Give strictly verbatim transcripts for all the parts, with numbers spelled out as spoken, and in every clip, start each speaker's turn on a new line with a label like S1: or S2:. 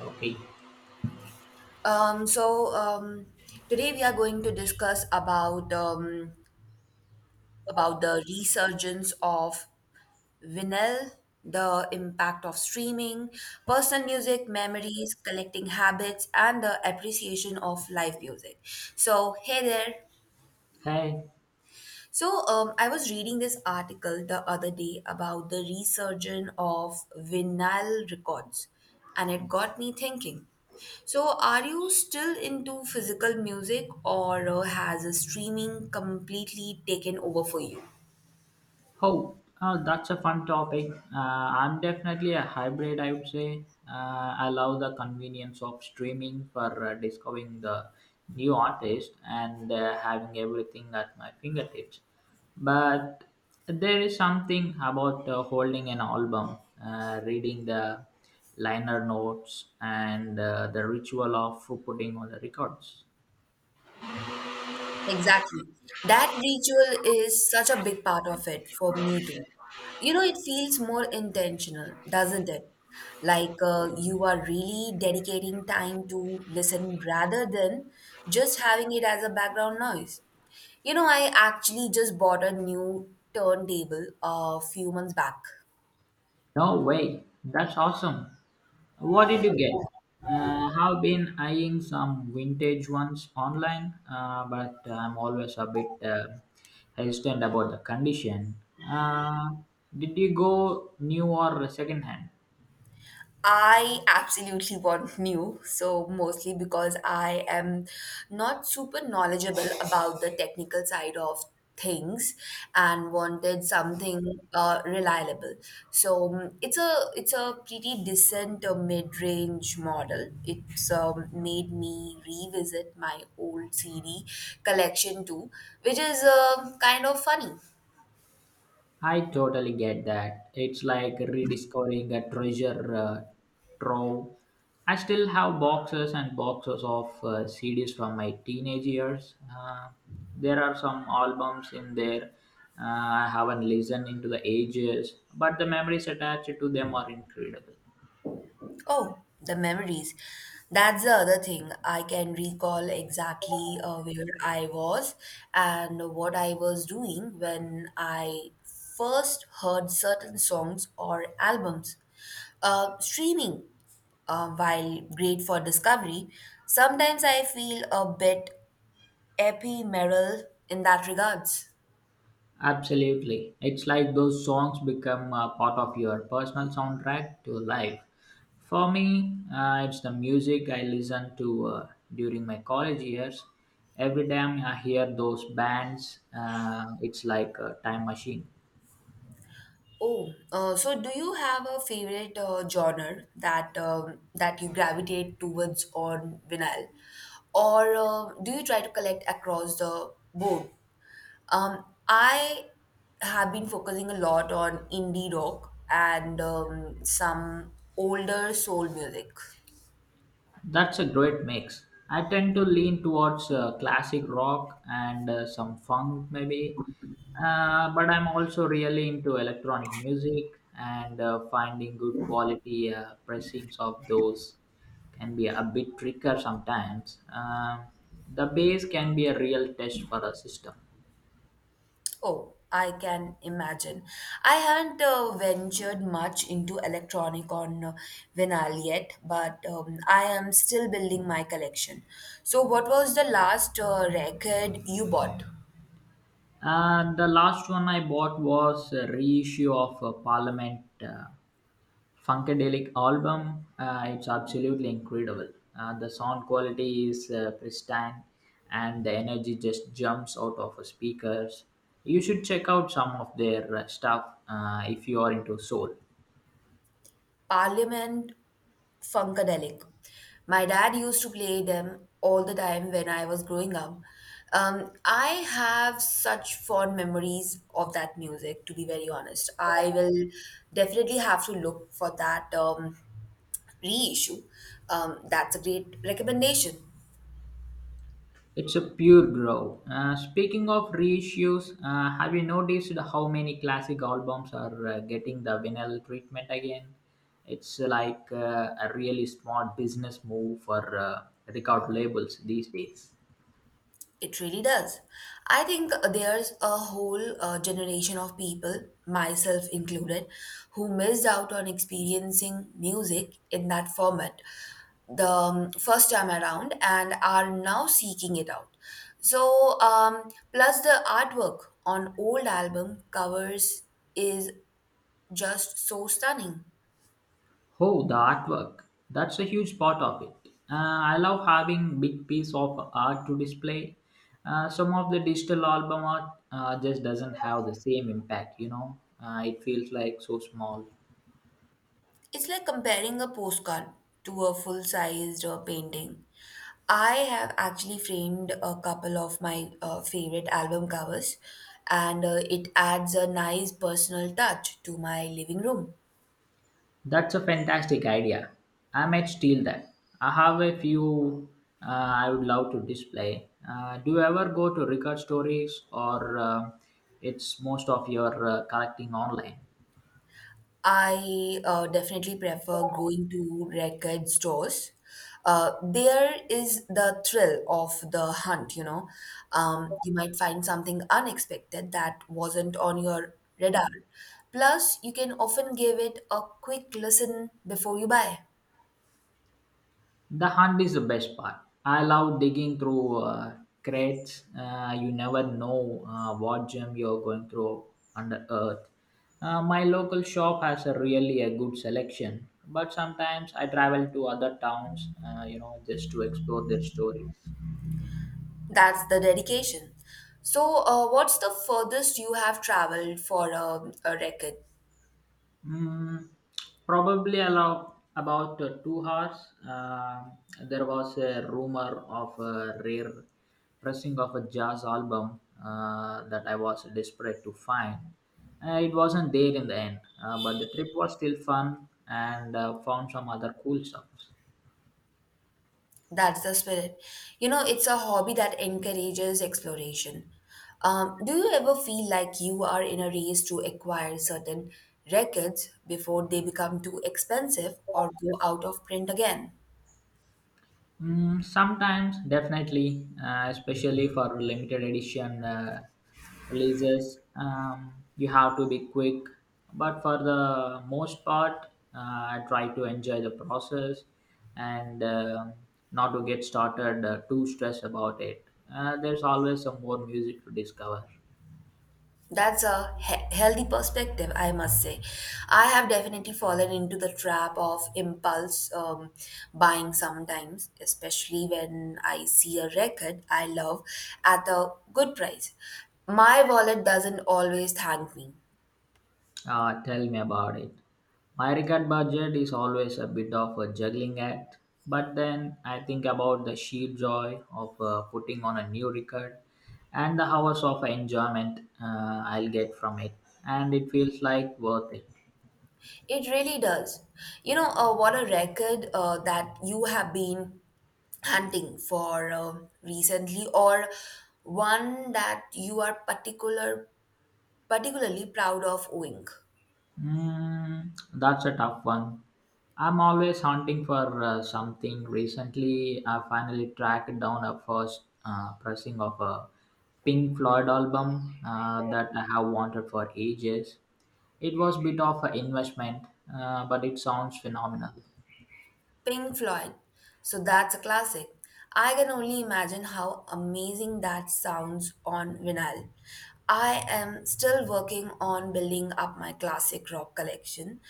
S1: Okay.
S2: Um, so um, Today we are going to discuss about um, about the resurgence of vinyl, the impact of streaming, personal music, memories, collecting habits, and the appreciation of live music. So hey there.
S1: Hey.
S2: So, um, I was reading this article the other day about the resurgence of vinyl records, and it got me thinking. So, are you still into physical music, or uh, has uh, streaming completely taken over for you?
S1: Oh, oh, that's a fun topic. Uh, I'm definitely a hybrid, I would say. Uh, I love the convenience of streaming for uh, discovering the new artist and uh, having everything at my fingertips. But there is something about uh, holding an album, uh, reading the liner notes, and uh, the ritual of putting on the records.
S2: Exactly. That ritual is such a big part of it for me too. You know, it feels more intentional, doesn't it? Like uh, you are really dedicating time to listen rather than just having it as a background noise. You know, I actually just bought a new turntable a few months back.
S1: No way. That's awesome. What did you get? Uh, I've been eyeing some vintage ones online, uh, but I'm always a bit uh, hesitant about the condition. Uh, did you go new or second hand?
S2: I absolutely want new, so mostly because I am not super knowledgeable about the technical side of things and wanted something uh, reliable. So um, it's a it's a pretty decent uh, mid-range model. It's um, made me revisit my old C D collection too, which is uh, kind of funny.
S1: I totally get that. It's like rediscovering a treasure uh, trove. I still have boxes and boxes of uh, C Ds from my teenage years. Uh, there are some albums in there uh, I haven't listened into the ages, but the memories attached to them are incredible.
S2: Oh, the memories. That's the other thing. I can recall exactly uh, where I was and what I was doing when I first heard certain songs or albums. Uh, streaming, uh, while great for discovery, sometimes I feel a bit ephemeral in that regards.
S1: Absolutely. It's like those songs become a part of your personal soundtrack to life. For me, uh, it's the music I listen to uh, during my college years. Every time I hear those bands, uh, it's like a time machine.
S2: Oh, uh, so do you have a favorite uh, genre that um, that you gravitate towards on vinyl, or um do you try to collect across the board? Um, I have been focusing a lot on indie rock and um, some older soul music.
S1: That's a great mix. I tend to lean towards uh, classic rock and uh, some funk, maybe. Uh, but I'm also really into electronic music and uh, finding good quality uh, pressings of those can be a bit trickier sometimes. Um the bass can be a real test for a system.
S2: Oh, I can imagine. I haven't uh, ventured much into electronic on uh, vinyl yet, but um, I am still building my collection. So, what was the last uh, record you bought?
S1: And the last one I bought was a reissue of uh, Parliament. uh, Funkadelic album. Uh, it's absolutely incredible. Uh, the sound quality is uh, pristine, and the energy just jumps out of the speakers. You should check out some of their uh, stuff uh, if you are into soul.
S2: Parliament Funkadelic. My dad used to play them all the time when I was growing up. Um, I have such fond memories of that music, to be very honest. I will definitely have to look for that um, reissue. Um, that's a great recommendation.
S1: It's a pure groove. Uh, speaking of reissues, uh, have you noticed how many classic albums are uh, getting the vinyl treatment again? It's like uh, a really smart business move for uh, record labels these days.
S2: It really does. I think there's a whole uh, generation of people, myself included, who missed out on experiencing music in that format the um, first time around and are now seeking it out. So, um, plus the artwork on old album covers is just so stunning.
S1: Oh, the artwork. That's a huge part of it. Uh, I love having big piece of art to display. Uh, some of the digital album art uh, just doesn't have the same impact, you know. Uh, it feels like so small.
S2: It's like comparing a postcard to a full sized uh, painting. I have actually framed a couple of my uh, favorite album covers, and uh, it adds a nice personal touch to my living room.
S1: That's a fantastic idea. I might steal that. I have a few uh, I would love to display. Uh, do you ever go to record stories or uh, it's most of your uh, collecting online?
S2: I uh, definitely prefer going to record stores. Uh, there is the thrill of the hunt, you know. Um, you might find something unexpected that wasn't on your radar. Plus, you can often give it a quick listen before you buy.
S1: The hunt is the best part. I love digging through uh, crates. Uh, you never know uh, what gem you're going through under earth. Uh, my local shop has a really a good selection, but sometimes I travel to other towns, uh, you know, just to explore their stories.
S2: That's the dedication. So, uh, what's the furthest you have traveled for a, a record?
S1: Mm, probably allow about uh, two hours. Um there was a rumor of a rare pressing of a jazz album uh, that I was desperate to find. Uh, it wasn't there in the end, uh, but the trip was still fun and uh, found some other cool stuff.
S2: That's the spirit. You know, it's a hobby that encourages exploration. Um, do you ever feel like you are in a race to acquire certain records before they become too expensive or go out of print again?
S1: Mm, sometimes, definitely, uh, especially for limited edition uh, releases, um, you have to be quick. But for the most part, uh, I try to enjoy the process and um not to get started uh, too stressed about it. Uh, there's always some more music to discover.
S2: That's a he- healthy perspective, I must say. I have definitely fallen into the trap of impulse um, buying sometimes, especially when I see a record I love at a good price. My wallet doesn't always thank me.
S1: Uh, tell me about it. My record budget is always a bit of a juggling act, but then I think about the sheer joy of uh, putting on a new record and the hours of enjoyment uh, I'll get from it, and it feels like worth it.
S2: It really does. You know, uh, what a record uh, that you have been hunting for uh, recently, or one that you are particular particularly proud of owning.
S1: Mm, that's a tough one. I'm always hunting for uh, something. Recently, I finally tracked down a first uh, pressing of a Pink Floyd album uh, that I have wanted for ages. It was bit of an investment, uh, but it sounds phenomenal.
S2: Pink Floyd. So that's a classic. I can only imagine how amazing that sounds on vinyl. I am still working on building up my classic rock collection,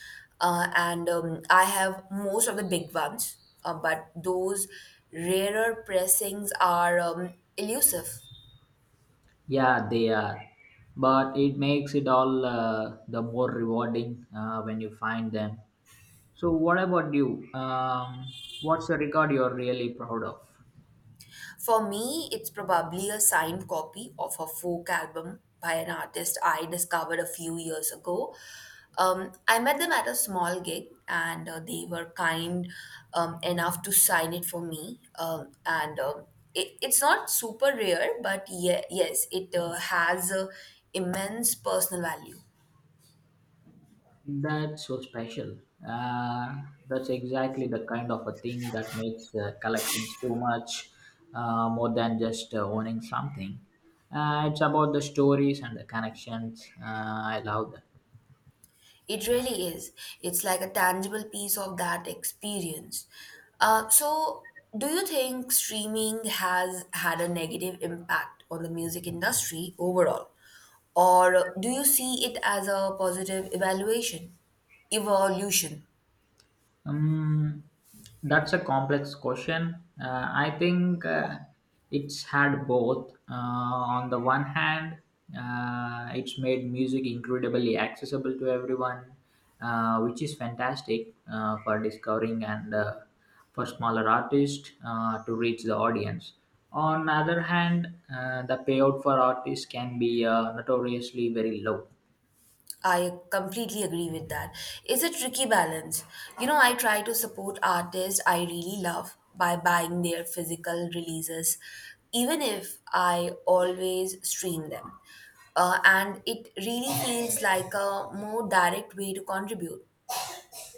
S2: uh, and um, I have most of the big ones, uh, but those rarer pressings are um, elusive.
S1: Yeah, they are. But it makes it all uh, the more rewarding uh, when you find them. So, what about you? Um, what's the record you're really proud of?
S2: For me, it's probably a signed copy of a folk album by an artist I discovered a few years ago. Um, I met them at a small gig and uh, they were kind um, enough to sign it for me. Um, and um, it, it's not super rare, but yeah, yes, it uh, has uh, immense personal value.
S1: That's so special. Uh, that's exactly the kind of a thing that makes uh, collecting so much uh, more than just uh, owning something. Uh, it's about the stories and the connections. Uh, I love that.
S2: It really is. It's like a tangible piece of that experience. Uh, so, do you think streaming has had a negative impact on the music industry overall? Or do you see it as a positive evaluation, evolution?
S1: Um, that's a complex question. Uh, I think uh, it's had both. Uh, on the one hand, uh, it's made music incredibly accessible to everyone, uh, which is fantastic uh, for discovering and uh, for smaller artists uh, to reach the audience. On the other hand, uh, the payout for artists can be uh, notoriously very low.
S2: I completely agree with that. It's a tricky balance. You know, I try to support artists I really love by buying their physical releases, even if I always stream them. Uh, and it really feels like a more direct way to contribute.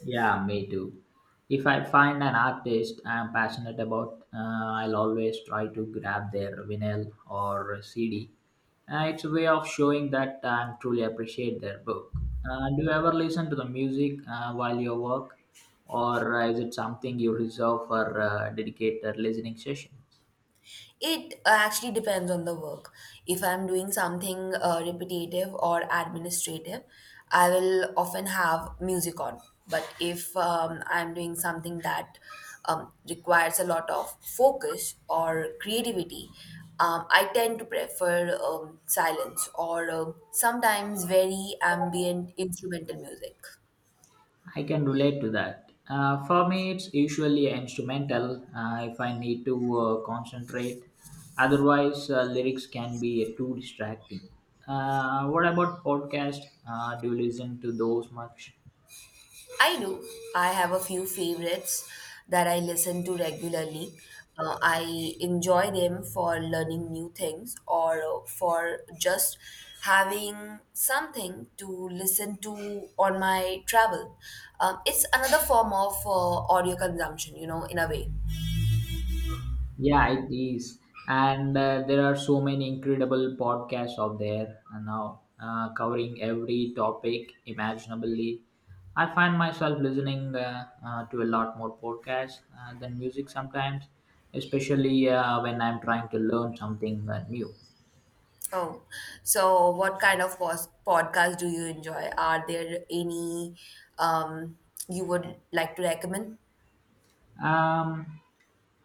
S1: Yeah, me too. If I find an artist I'm passionate about, uh, I'll always try to grab their vinyl or C D. Uh, it's a way of showing that I truly appreciate their book. Uh, do you ever listen to the music uh, while you work, or is it something you reserve for uh, dedicated listening sessions?
S2: It uh, actually depends on the work. If I'm doing something uh, repetitive or administrative, I will often have music on. But if um, I'm doing something that um, requires a lot of focus or creativity, um, I tend to prefer um, silence or um sometimes very ambient instrumental music.
S1: I can relate to that. Uh, for me, it's usually instrumental uh, if I need to uh, concentrate. Otherwise, uh, lyrics can be too distracting. Uh, what about podcast? Uh, do you listen to those much?
S2: I do. I have a few favorites that I listen to regularly. Uh, I enjoy them for learning new things or uh, for just having something to listen to on my travel. Um, it's another form of uh, audio consumption, you know, in a way.
S1: Yeah, it is. And uh, there are so many incredible podcasts out there and now uh, covering every topic imaginably. I find myself listening uh, uh, to a lot more podcasts uh, than music sometimes, especially uh, when I'm trying to learn something uh, new.
S2: Oh, so what kind of pos- podcast do you enjoy? Are there any um, you would like to recommend?
S1: Um,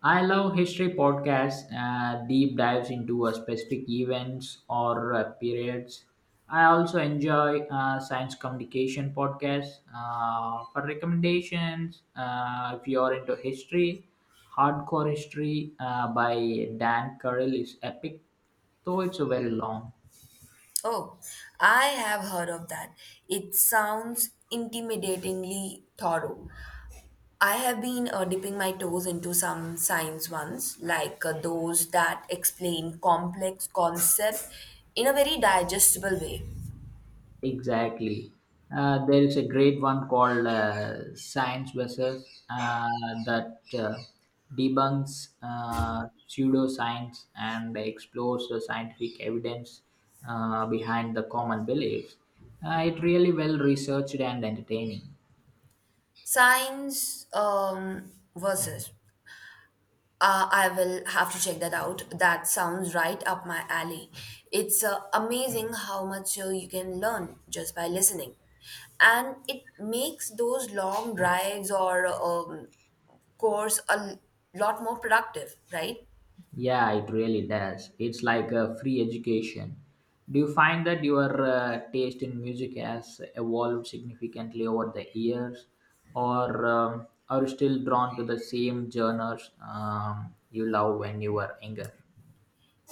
S1: I love history podcasts, uh, deep dives into uh, specific events or uh, periods. I also enjoy uh, science communication podcasts. Uh, for recommendations, uh, if you are into history, Hardcore History uh, by Dan Carroll is epic, though it's a very long.
S2: Oh, I have heard of that. It sounds intimidatingly thorough. I have been uh, dipping my toes into some science ones, like uh, those that explain complex concepts in a very digestible way.
S1: Exactly. Uh, there is a great one called uh, Science versus uh, that uh, debunks uh, pseudoscience and explores the scientific evidence uh, behind the common beliefs. Uh, it really well researched and entertaining.
S2: Science um, versus. Uh, I will have to check that out. That sounds right up my alley. It's uh, amazing how much uh, you can learn just by listening. And it makes those long drives or um, course a l- lot more productive, right?
S1: Yeah, it really does. It's like a free education. Do you find that your uh, taste in music has evolved significantly over the years, or um, are you still drawn to the same genres um, you love when you were younger?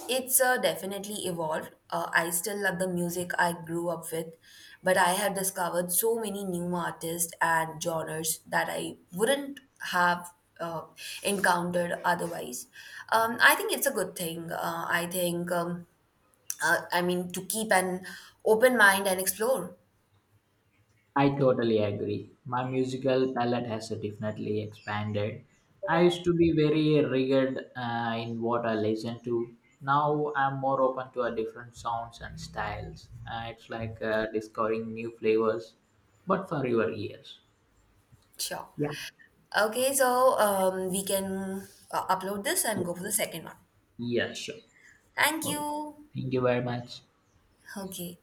S2: It's uh, definitely evolved. Uh, I still love the music I grew up with, but I have discovered so many new artists and genres that I wouldn't have uh, encountered otherwise. Um, I think it's a good thing. Uh, I think, um, uh, I mean, to keep an open mind and explore.
S1: I totally agree. My musical palette has definitely expanded. I used to be very rigid uh, in what I listened to. Now I'm more open to a different sounds and styles. Uh, it's like uh, discovering new flavors, but for your ears.
S2: Sure.
S1: Yeah,
S2: Okay, so um, we can uh, upload this and
S1: yeah,
S2: go for the second one.
S1: yeah, sure.
S2: Thank
S1: All right.
S2: you.
S1: Thank you very much.
S2: Okay.